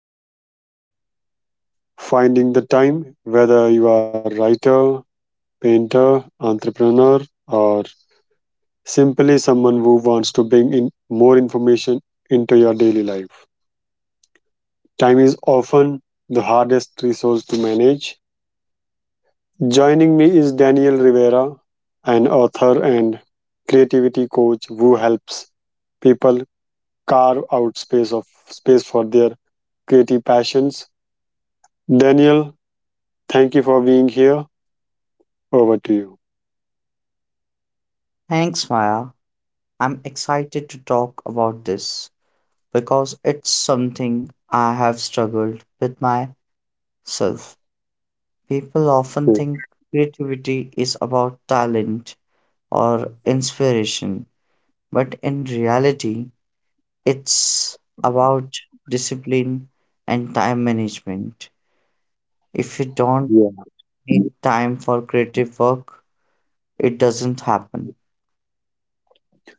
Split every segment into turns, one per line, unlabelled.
people face finding the time, whether you are a writer, painter, entrepreneur, or simply someone who wants to bring in more information into your daily life. Time is often the hardest resource to manage. Joining me is Daniel Rivera, an author and creativity coach who helps people carve out space of space for their creative passions. Daniel, thank you for being here. Over to you.
Thanks, Maya. I'm excited to talk about this because it's something I have struggled with myself. People often
Yeah,
think creativity is about talent or inspiration, but in reality, it's about discipline and time management. If you don't
yeah.
need time for creative work, it doesn't happen.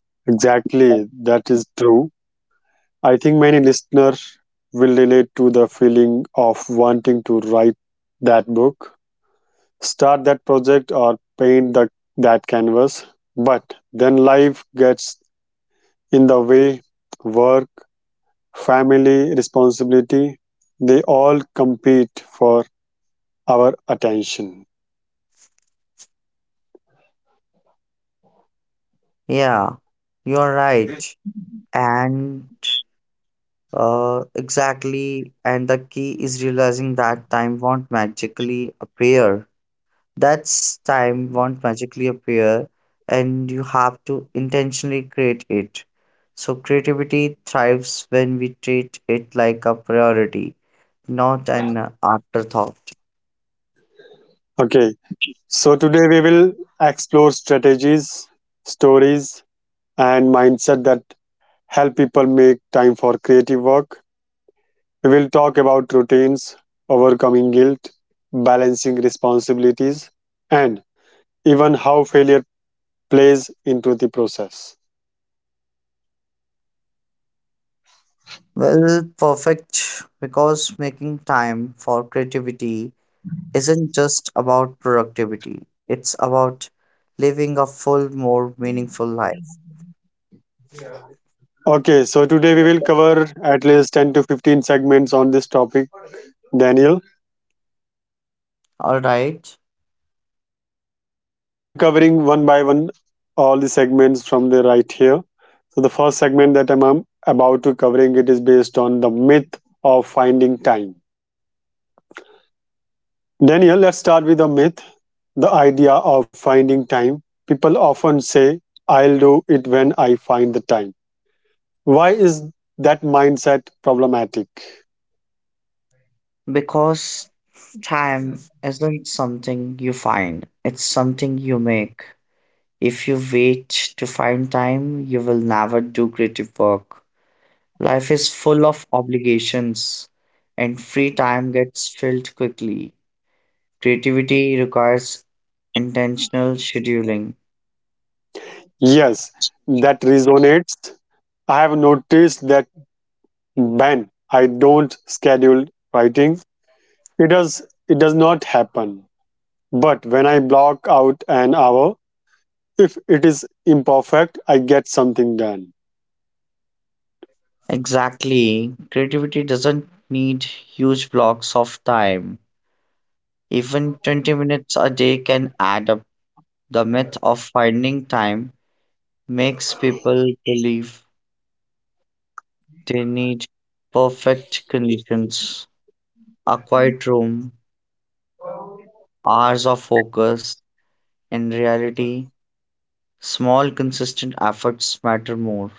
Exactly. That is true. I think many listeners will relate to the feeling of wanting to write that book, start that project, or paint that canvas. But then life gets in the way: work, family, responsibility, they all compete for our attention.
Yeah, you're right. And exactly, and the key is realizing that time won't magically appear. That's time won't magically appear, and you have to intentionally create it. So, creativity thrives when we treat it like a priority, not an afterthought.
Okay, so today we will explore strategies, stories, and mindset that help people make time for creative work. We will talk about routines, overcoming guilt, balancing responsibilities, and even how failure plays into the process.
Well, perfect, because making time for creativity isn't just about productivity, it's about living a full, more meaningful life.
Okay, so today we will cover at least 10 to 15 segments on this topic, Daniel.
All right,
So I'm covering one by one all the segments from the right here. So the first segment that I'm about to covering it is based on the myth of finding time. Daniel, let's start with the myth, the idea of finding time. People often say, I'll do it when I find the time. Why is that mindset problematic?
because time isn't something you find, it's something you make. If you wait to find time, you will never do creative work. Life is full of obligations, and free time gets filled quickly. Creativity requires intentional scheduling.
Yes, that resonates. I have noticed that when I don't schedule writing, it does it does not happen. But when I block out an hour, if it is imperfect, I get something done.
Exactly, creativity doesn't need huge blocks of time. Even 20 minutes a day can add up. The myth of finding time makes people believe they need perfect conditions, a quiet room, hours of focus. In reality, small, consistent efforts matter more.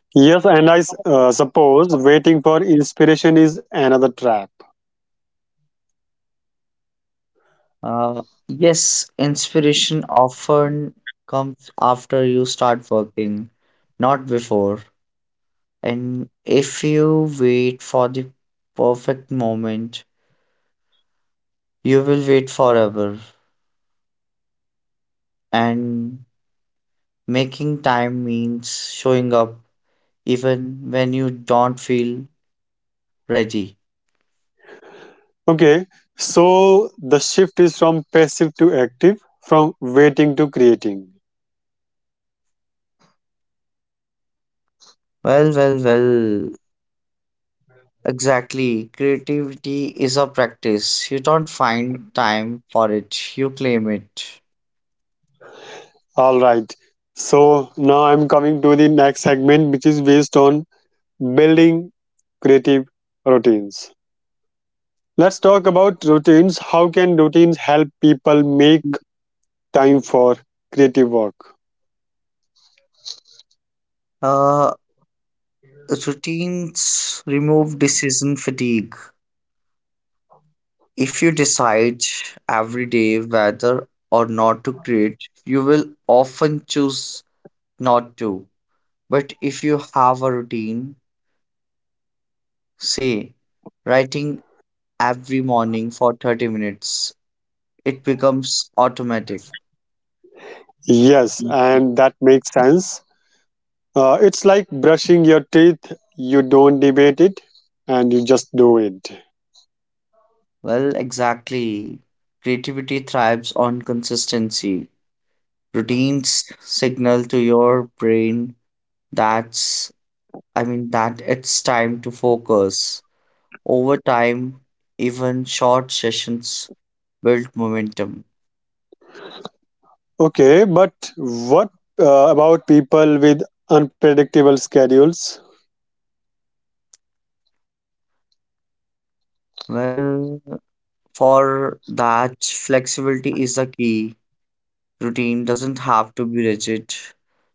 Yes, and suppose waiting for inspiration is another trap.
Yes, inspiration often comes after you start working, not before. And if you wait for the perfect moment, you will wait forever. And making time means showing up even when you don't feel ready.
Okay, so the shift is from passive to active, from waiting to creating.
Well, well, well. Exactly. Creativity is a practice. You don't find time for it, you claim it.
All right. So now I'm coming to the next segment, which is based on building creative routines. Let's talk about routines. How can routines help people make time for creative work?
Uh, Routines remove decision fatigue. If you decide every day whether or not to create, you will often choose not to. But if you have a routine, say writing every morning for 30 minutes. It becomes automatic.
Yes,
Mm.
and that makes sense. It's like brushing your teeth, you don't debate it and you just do it.
Well, exactly. Creativity thrives on consistency. Routines signal to your brain that's I mean that it's time to focus. Over time, even short sessions build momentum.
Okay, but what about people with unpredictable schedules?
Well, for that flexibility is the key. Routine doesn't have to be rigid.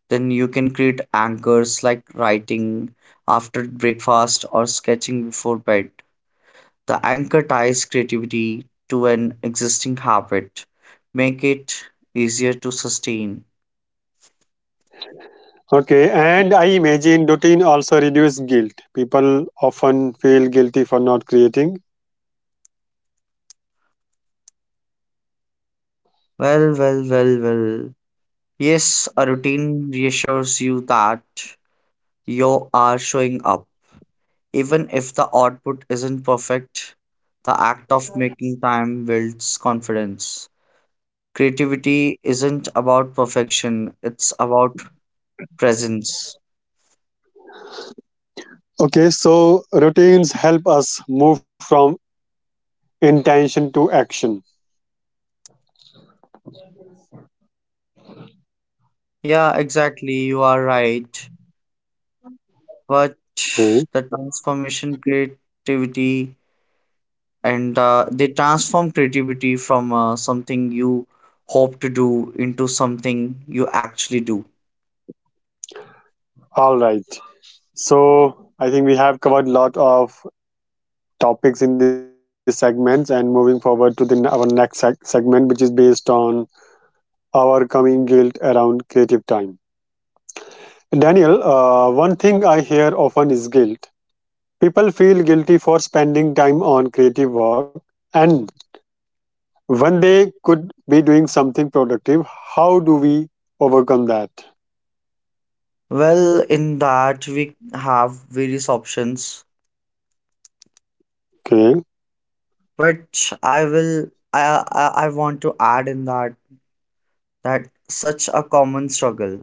Then you can create anchors like writing after breakfast or sketching before bed. The anchor ties creativity to an existing habit, make it easier to sustain.
Okay, and I imagine routine also reduce guilt. People often feel guilty for not creating.
Well, well, well, well. Yes, a routine reassures you that you are showing up. Even if the output isn't perfect, the act of making time builds confidence. Creativity isn't about perfection, it's about presence.
Okay, so routines help us move from intention to action.
Yeah, exactly, you are right. But
Okay,
the transformation creativity and they transform creativity from something you hope to do into something you actually do.
all right. So I think we have covered a lot of topics in these segments, and moving forward to the our next segment, which is based on overcoming guilt around creative time. Daniel, one thing I hear often is guilt. People feel guilty for spending time on creative work, and when they could be doing something productive, how do we overcome that?
Well, in that we have various options,
Okay.
but I will I want to add in that such a common struggle.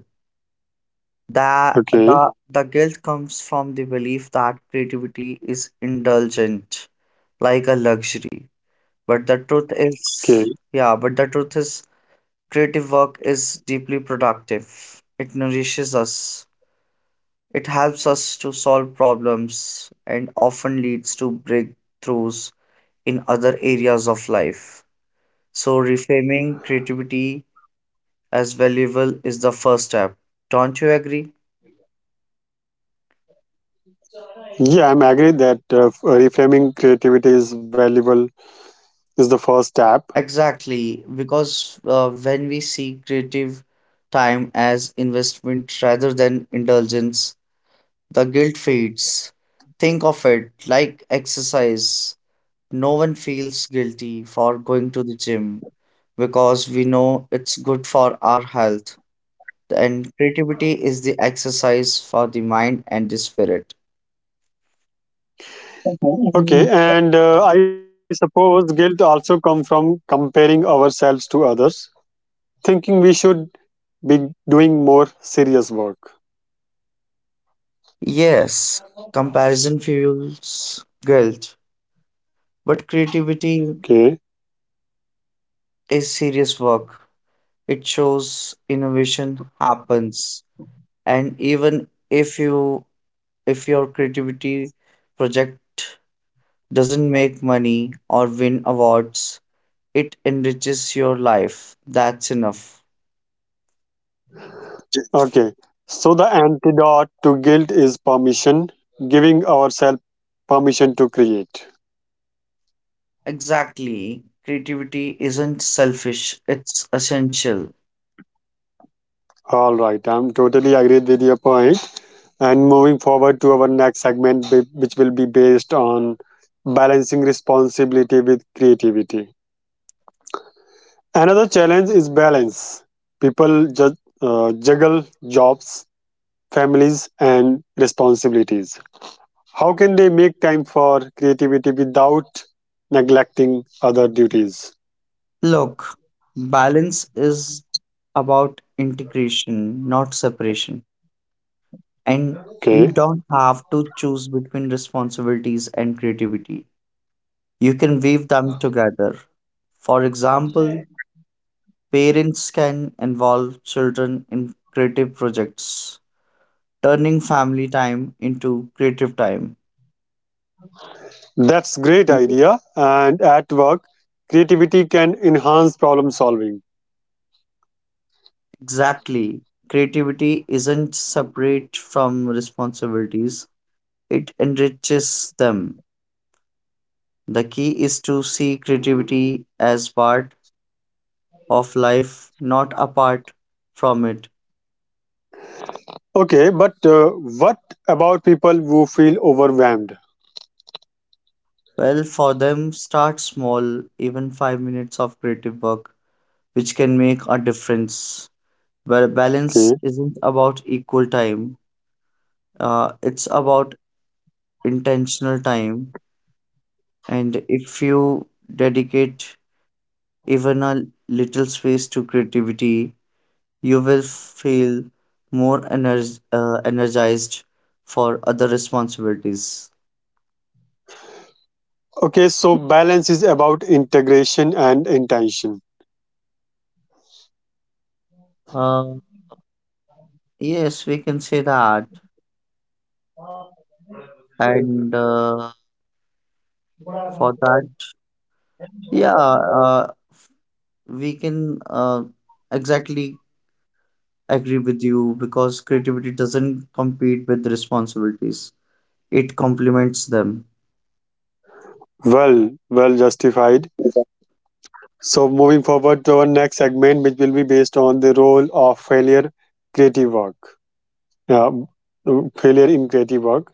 The
Okay.
the the guilt comes from the belief that creativity is indulgent, like a luxury. But the truth
Okay.
is, yeah, but the truth is, creative work is deeply productive. It nourishes us. It helps us to solve problems and often leads to breakthroughs in other areas of life. So reframing creativity as valuable is the first step. Don't you agree?
Yeah, I'm agree that reframing creativity is valuable is the first step.
Exactly, because when we see creative time as investment rather than indulgence, the guilt fades. Think of it like exercise. No one feels guilty for going to the gym because we know it's good for our health. And creativity is the exercise for the mind and the spirit.
Okay,
Mhm.
and I suppose guilt also comes from comparing ourselves to others, thinking we should be doing more serious work.
Yes, comparison fuels guilt, but creativity
Okay.
is serious work. It shows innovation happens, and even if you, if your creativity project doesn't make money or win awards, it enriches your life. That's enough.
Okay. So the antidote to guilt is permission, giving ourselves permission to create.
Exactly, creativity isn't selfish, it's essential.
All right, I'm totally agreed with your point. And moving forward to our next segment, which will be based on balancing responsibility with creativity. Another challenge is balance. People juggle jobs, families, and responsibilities. How can they make time for creativity without neglecting other duties?
Look, balance is about integration, not separation. And you
Okay,
don't have to choose between responsibilities and creativity. You can weave them together. For example, parents can involve children in creative projects, turning family time into creative time.
that's great idea. And at work, creativity can enhance problem solving.
Exactly. Creativity isn't separate from responsibilities, it enriches them. The key is to see creativity as part of life, not apart from it.
Okay, but what about people who feel overwhelmed?
Well, for them, start small, even 5 minutes of creative work which can make a difference. Where balance
Okay.
isn't about equal time, it's about intentional time. And if you dedicate even a little space to creativity, you will feel more energized for other responsibilities.
Okay, so balance is about integration and intention.
Uh, yes, we can say that. And for that, yeah, f- we can exactly agree with you because creativity doesn't compete with responsibilities, it complements them.
Well, well justified. So moving forward to our next segment, which will be based on the role of failure, creative work. Yeah, failure in creative work.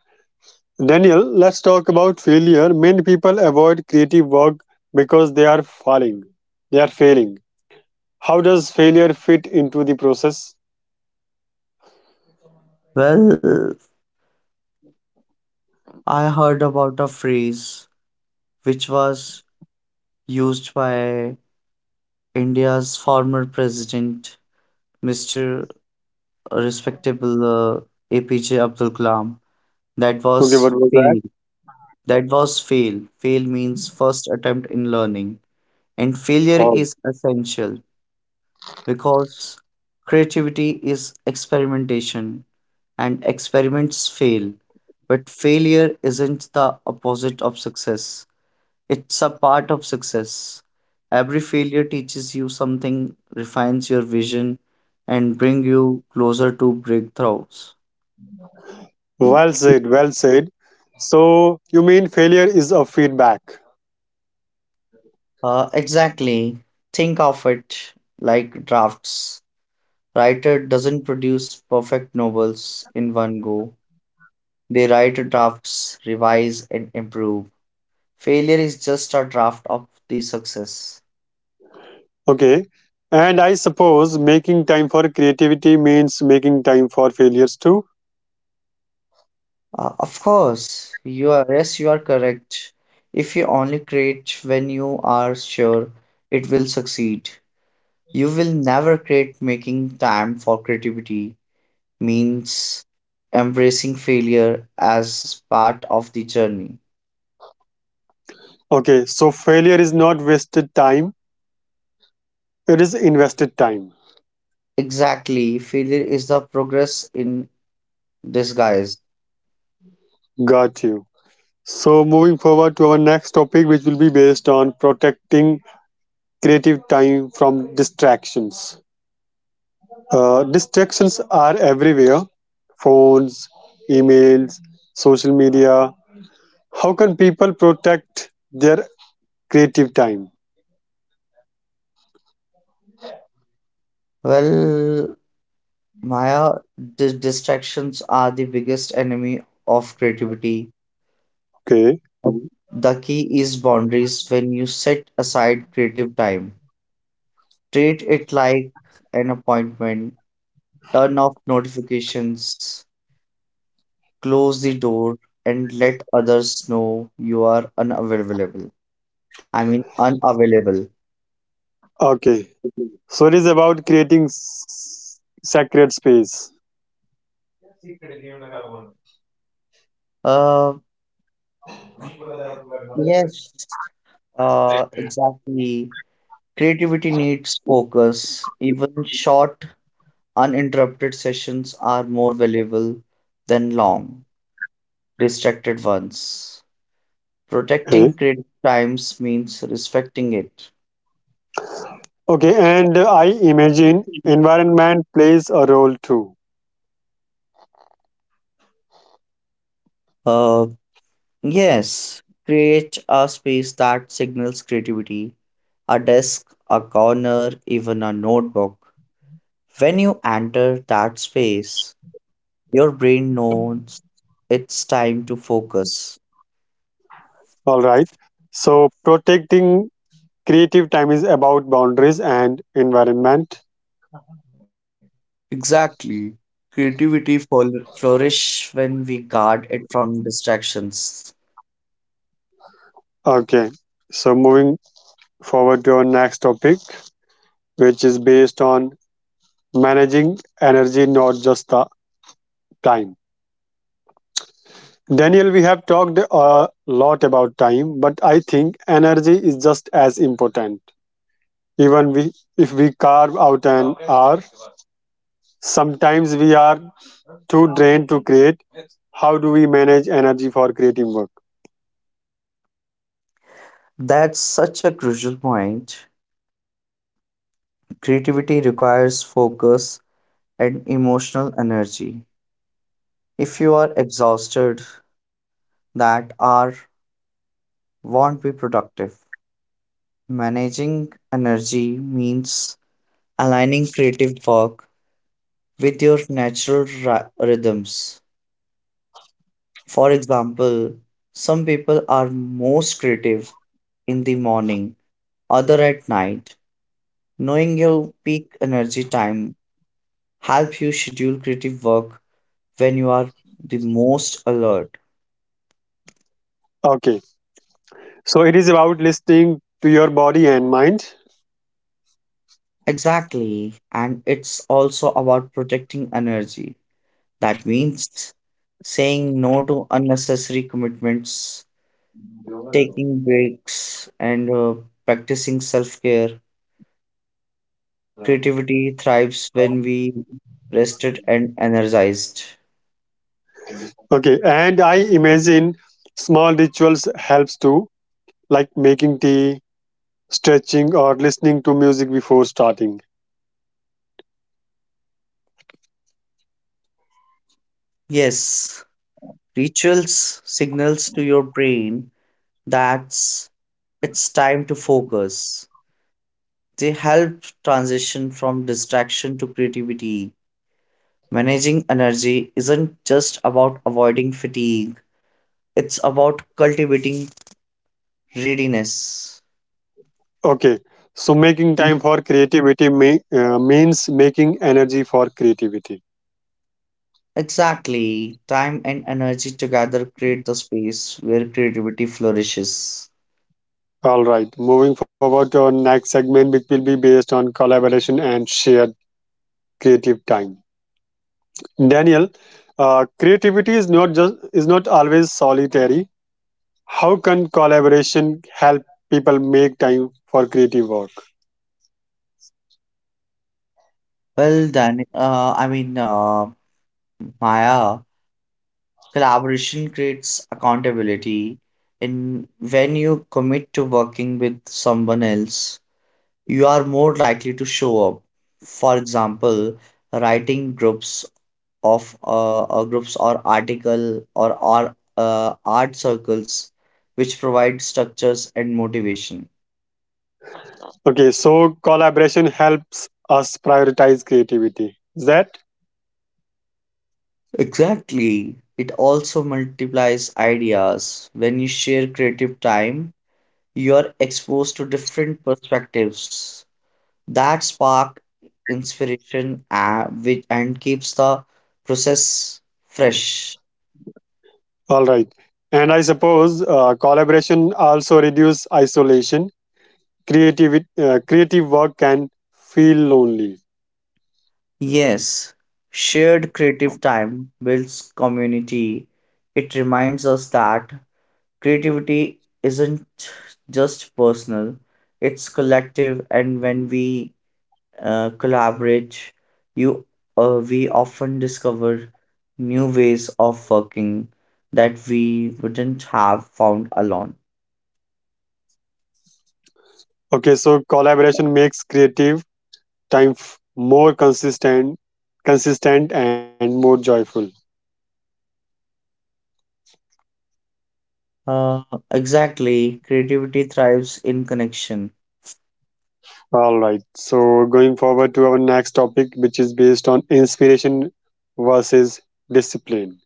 Daniel, let's talk about failure. Many people avoid creative work because they are falling. They are failing. How does failure fit into the process?
Well, I heard about a phrase which was used by India's former president, Mr. Respectable APJ Abdul Kalam. That
Okay,
was
what was that?
fail. That was fail. Fail means first attempt in learning. And failure
Oh,
is essential because creativity is experimentation, and experiments fail. But failure isn't the opposite of success, it's a part of success. Every failure teaches you something, refines your vision, and bring you closer to breakthroughs.
well said, well said. So, you mean failure is a feedback.
Exactly. Think of it like drafts. Writer doesn't produce perfect novels in one go. They write drafts, revise, and improve. Failure is just a draft of the success.
Okay. And I suppose making time for creativity means making time for failures too.
Of course, you are, yes, you are correct. If you only create when you are sure it will succeed, you will never create. Making time for creativity means embracing failure as part of the journey.
Okay. So, failure is not wasted time, it is invested time.
Exactly, failure is the progress in disguise.
Got you. So, moving forward to our next topic, which will be based on protecting creative time from distractions. Distractions are everywhere, phones, emails, social media. How can people protect their creative time?
Well, Maya, distractions are the biggest enemy of creativity.
Okay,
Um, The key is boundaries when you set aside creative time. Treat it like an appointment, turn off notifications, close the door, and let others know you are unavailable. I mean, unavailable.
okay. So it is about creating sacred space.
Uh, yes, exactly. Creativity needs focus. Even short, uninterrupted sessions are more valuable than long, distracted ones. Protecting
Okay,
credit times means respecting it.
okay. And I imagine environment plays a role too.
Uh, yes, create a space that signals creativity, a desk, a corner, even a notebook. When you enter that space, your brain knows it's time to focus.
All right. So protecting creative time is about boundaries and environment.
Exactly. Creativity flourish when we guard it from distractions.
Okay. So moving forward to our next topic, which is based on managing energy, not just the time. Daniel, we have talked a lot about time, but I think energy is just as important. Even we, if we carve out an hour, sometimes we are too drained to create. How do we manage energy for creative work?
That's such a crucial point. Creativity requires focus and emotional energy. If you are exhausted, that hour won't be productive. Managing energy means aligning creative work with your natural rhythms. For example, some people are most creative in the morning, other at night. Knowing your peak energy time help you schedule creative work when you are the most alert.
Okay, so it is about listening to your body and mind.
Exactly. And it's also about protecting energy. That means saying no to unnecessary commitments, taking breaks, and practicing self care. Creativity thrives when we rested and energized.
Okay, and I imagine small rituals helps too, like making tea, stretching, or listening to music before starting.
Yes, rituals signals to your brain that it's time to focus. They help transition from distraction to creativity. Managing energy isn't just about avoiding fatigue, it's about cultivating readiness.
Okay, so making time for creativity means making energy for creativity.
Exactly. Time and energy together create the space where creativity flourishes.
All right, moving forward to our next segment, which will be based on collaboration and shared creative time. Daniel, creativity is not just is not always solitary. How can collaboration help people make time for creative work?
Well, then, uh, I mean, uh, Maya, collaboration creates accountability. And when you commit to working with someone else, you are more likely to show up. For example, writing groups of groups or article or art circles which provide structures and motivation.
Okay, so collaboration helps us prioritize creativity. Is that?
Exactly, it also multiplies ideas. When you share creative time, you are exposed to different perspectives that spark inspiration, and keeps the process fresh.
All right. And I suppose collaboration also reduce isolation. Creative work can feel lonely.
Yes, shared creative time builds community. It reminds us that creativity isn't just personal, it's collective. And when we collaborate, you we often discover new ways of working that we wouldn't have found alone.
Okay, so collaboration makes creative more consistent and more joyful.
Uh, exactly, creativity thrives in connection.
All right. So going forward to our next topic, which is based on inspiration versus discipline.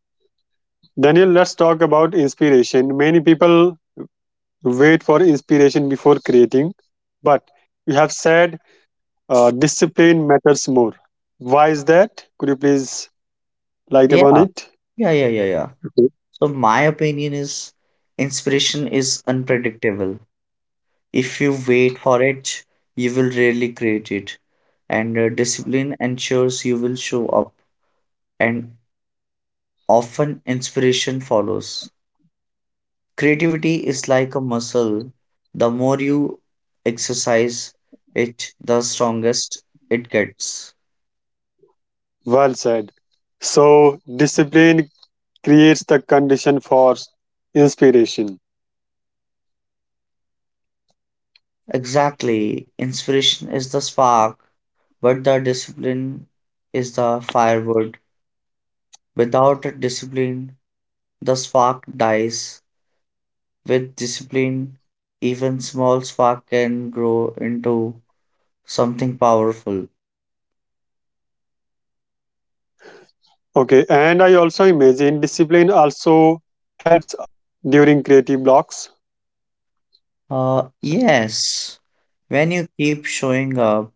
Daniel, let's talk about inspiration. Many people wait for inspiration before creating, but you have said uh, discipline matters more. Why is that? Could you please light
yeah
upon it?
yeah yeah yeah yeah
Okay.
So my opinion is inspiration is unpredictable. If you wait for it, you will rarely create it. And discipline ensures you will show up, and often inspiration follows. Creativity is like a muscle. The more you exercise it, the strongest it gets.
Well said. So, discipline creates the condition for inspiration.
Exactly. Inspiration is the spark, but the discipline is the firewood. Without discipline, the spark dies. With discipline, even small spark can grow into something powerful.
Okay, and I also imagine discipline also helps during creative blocks.
Yes, when you keep showing up,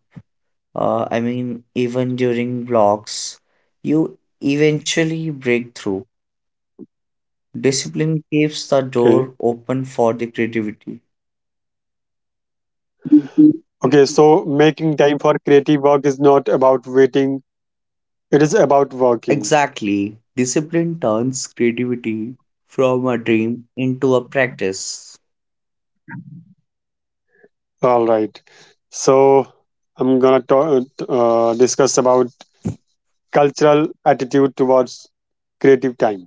even during blocks, you eventually break through. Discipline keeps the door
Okay,
open for the creativity. Mhm.
okay, so making time for creative work is not about waiting, it is about working.
Exactly. Discipline turns creativity from a dream into a practice.
All right, so I'm gonna talk, discuss about cultural attitude towards creative time.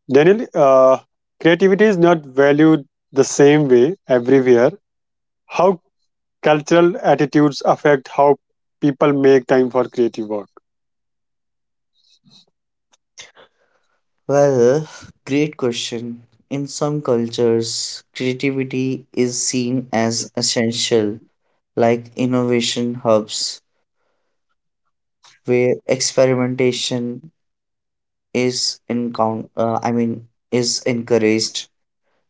Daniel, creativity is not valued the same way everywhere. How cultural attitudes affect how people make time for creative work?
Well, great question. In some cultures, creativity is seen as essential, like innovation hubs where experimentation is encount uh, I mean is encouraged.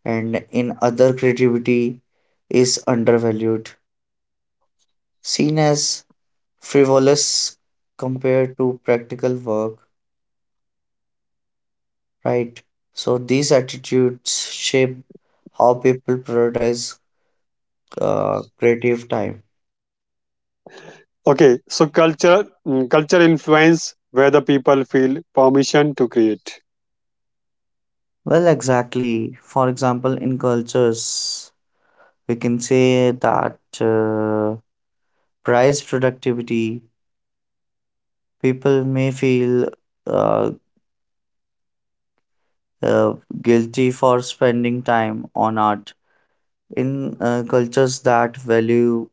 And in other, creativity is undervalued, seen as frivolous compared to practical work, right? So these attitudes shape how people prioritize creative time.
Okay, so culture culture influence whether people feel permission to create.
Well, exactly. For example, in cultures, we can say that price productivity, people may feel uh, uh, guilty for spending time on art. In cultures that value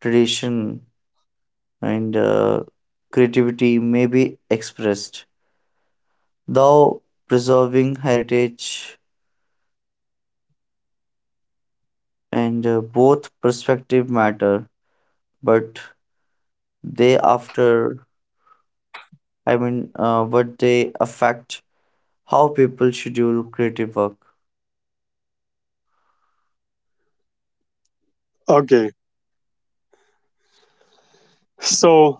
tradition and creativity may be expressed, though preserving heritage, and both perspective matter, but they after I mean what they affect how people schedule creative work.
Okay, so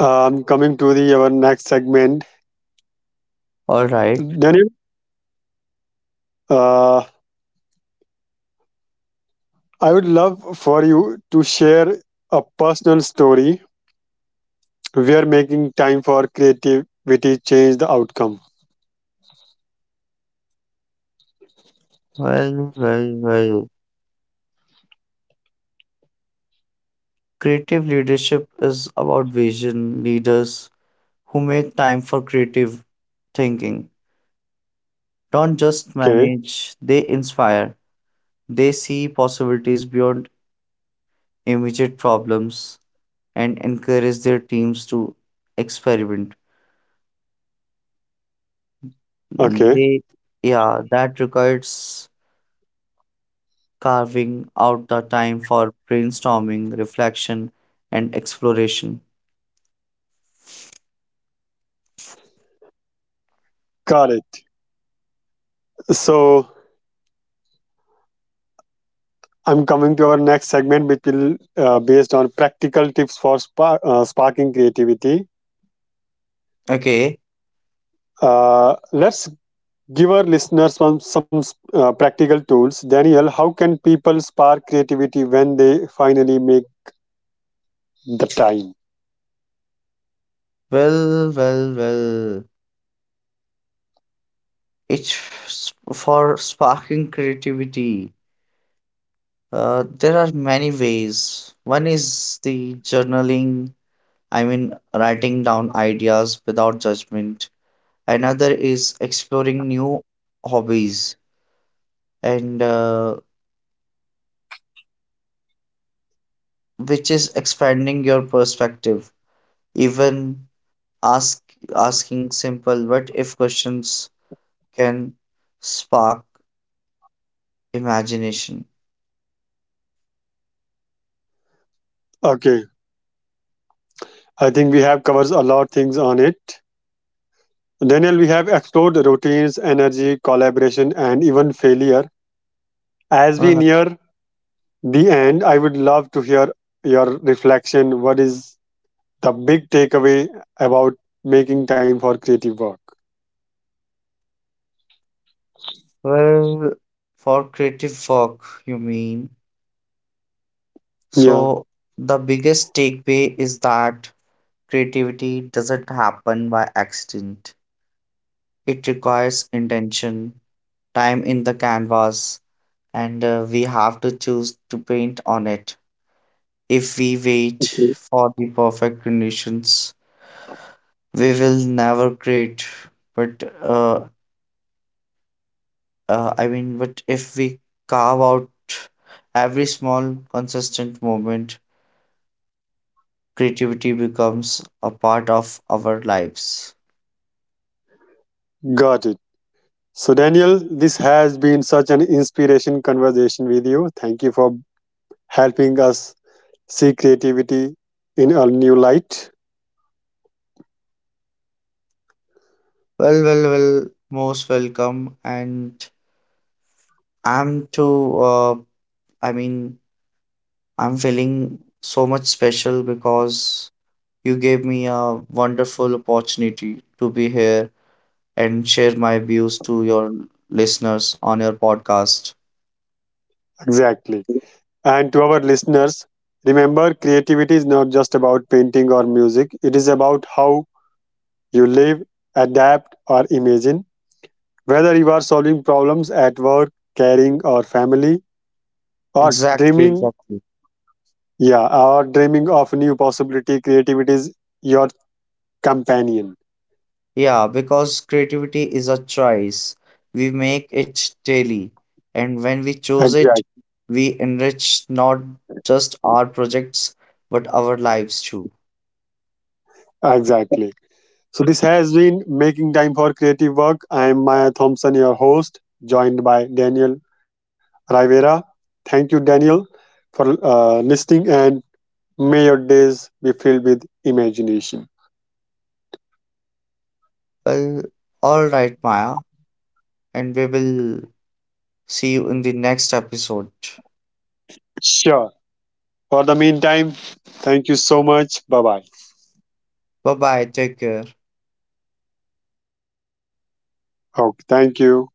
coming to the our next segment,
All right.
Daniel, uh, I would love for you to share a personal story where making time for creativity changed the outcome.
well well well Creative leadership is about vision. Leaders who make time for creative thinking don't just
Okay,
manage, they inspire. They see possibilities beyond immediate problems and encourage their teams to experiment.
okay,
They yeah That requires carving out the time for brainstorming, reflection, and exploration.
got it. So I'm coming to our next segment, which will based on practical tips for sparking creativity.
Okay,
Let's give our listeners some practical tools. Daniel, how can people spark creativity when they finally make the time?
well, well, well. For sparking creativity. There are many ways. One is the journaling, I mean, writing down ideas without judgment. Another is exploring new hobbies, and which is expanding your perspective. Even Ask asking simple what if questions can spark imagination.
Okay, I think we have covers a lot of things on it. Daniel, we have explored routines, energy, collaboration, and even failure. As we
Uh,
near the end, I would love to hear your reflection. What is the big takeaway about making time for creative work?
well, for creative work, you mean?
Yeah,
So, the biggest takeaway is that creativity doesn't happen by accident. It requires intention, time in the canvas, and we have to choose to paint on it. If we wait for the perfect conditions, we will never create. But but if we carve out every small consistent moment, creativity becomes a part of our lives.
got it. So, Daniel, this has been such an inspiration conversation with you. Thank you for helping us see creativity in a new light.
well well well Most welcome. And I'm too, i mean I'm feeling so much special because you gave me a wonderful opportunity to be here and share my views to your listeners on your podcast.
Exactly. And to our listeners, remember creativity is not just about painting or music, it is about how you live, adapt, or imagine. Whether you are solving problems at work, caring, or family, or
Exactly,
dreaming,
exactly.
yeah, or dreaming of new possibility, creativity is your companion.
Yeah, because creativity is a choice. We make it daily. And when we choose
Exactly.
it, we enrich not just our projects, but our lives too.
Exactly. So this has been Making Time for Creative Work. I am Maya Thompson, your host, joined by Daniel Rivera. Thank you, Daniel, for listening, and may your days be filled with imagination.
Well, all right, Maya. And we will see you in the next episode.
Sure. For the meantime, thank you so much. Bye bye.
Bye bye. Take care.
Okay, thank you.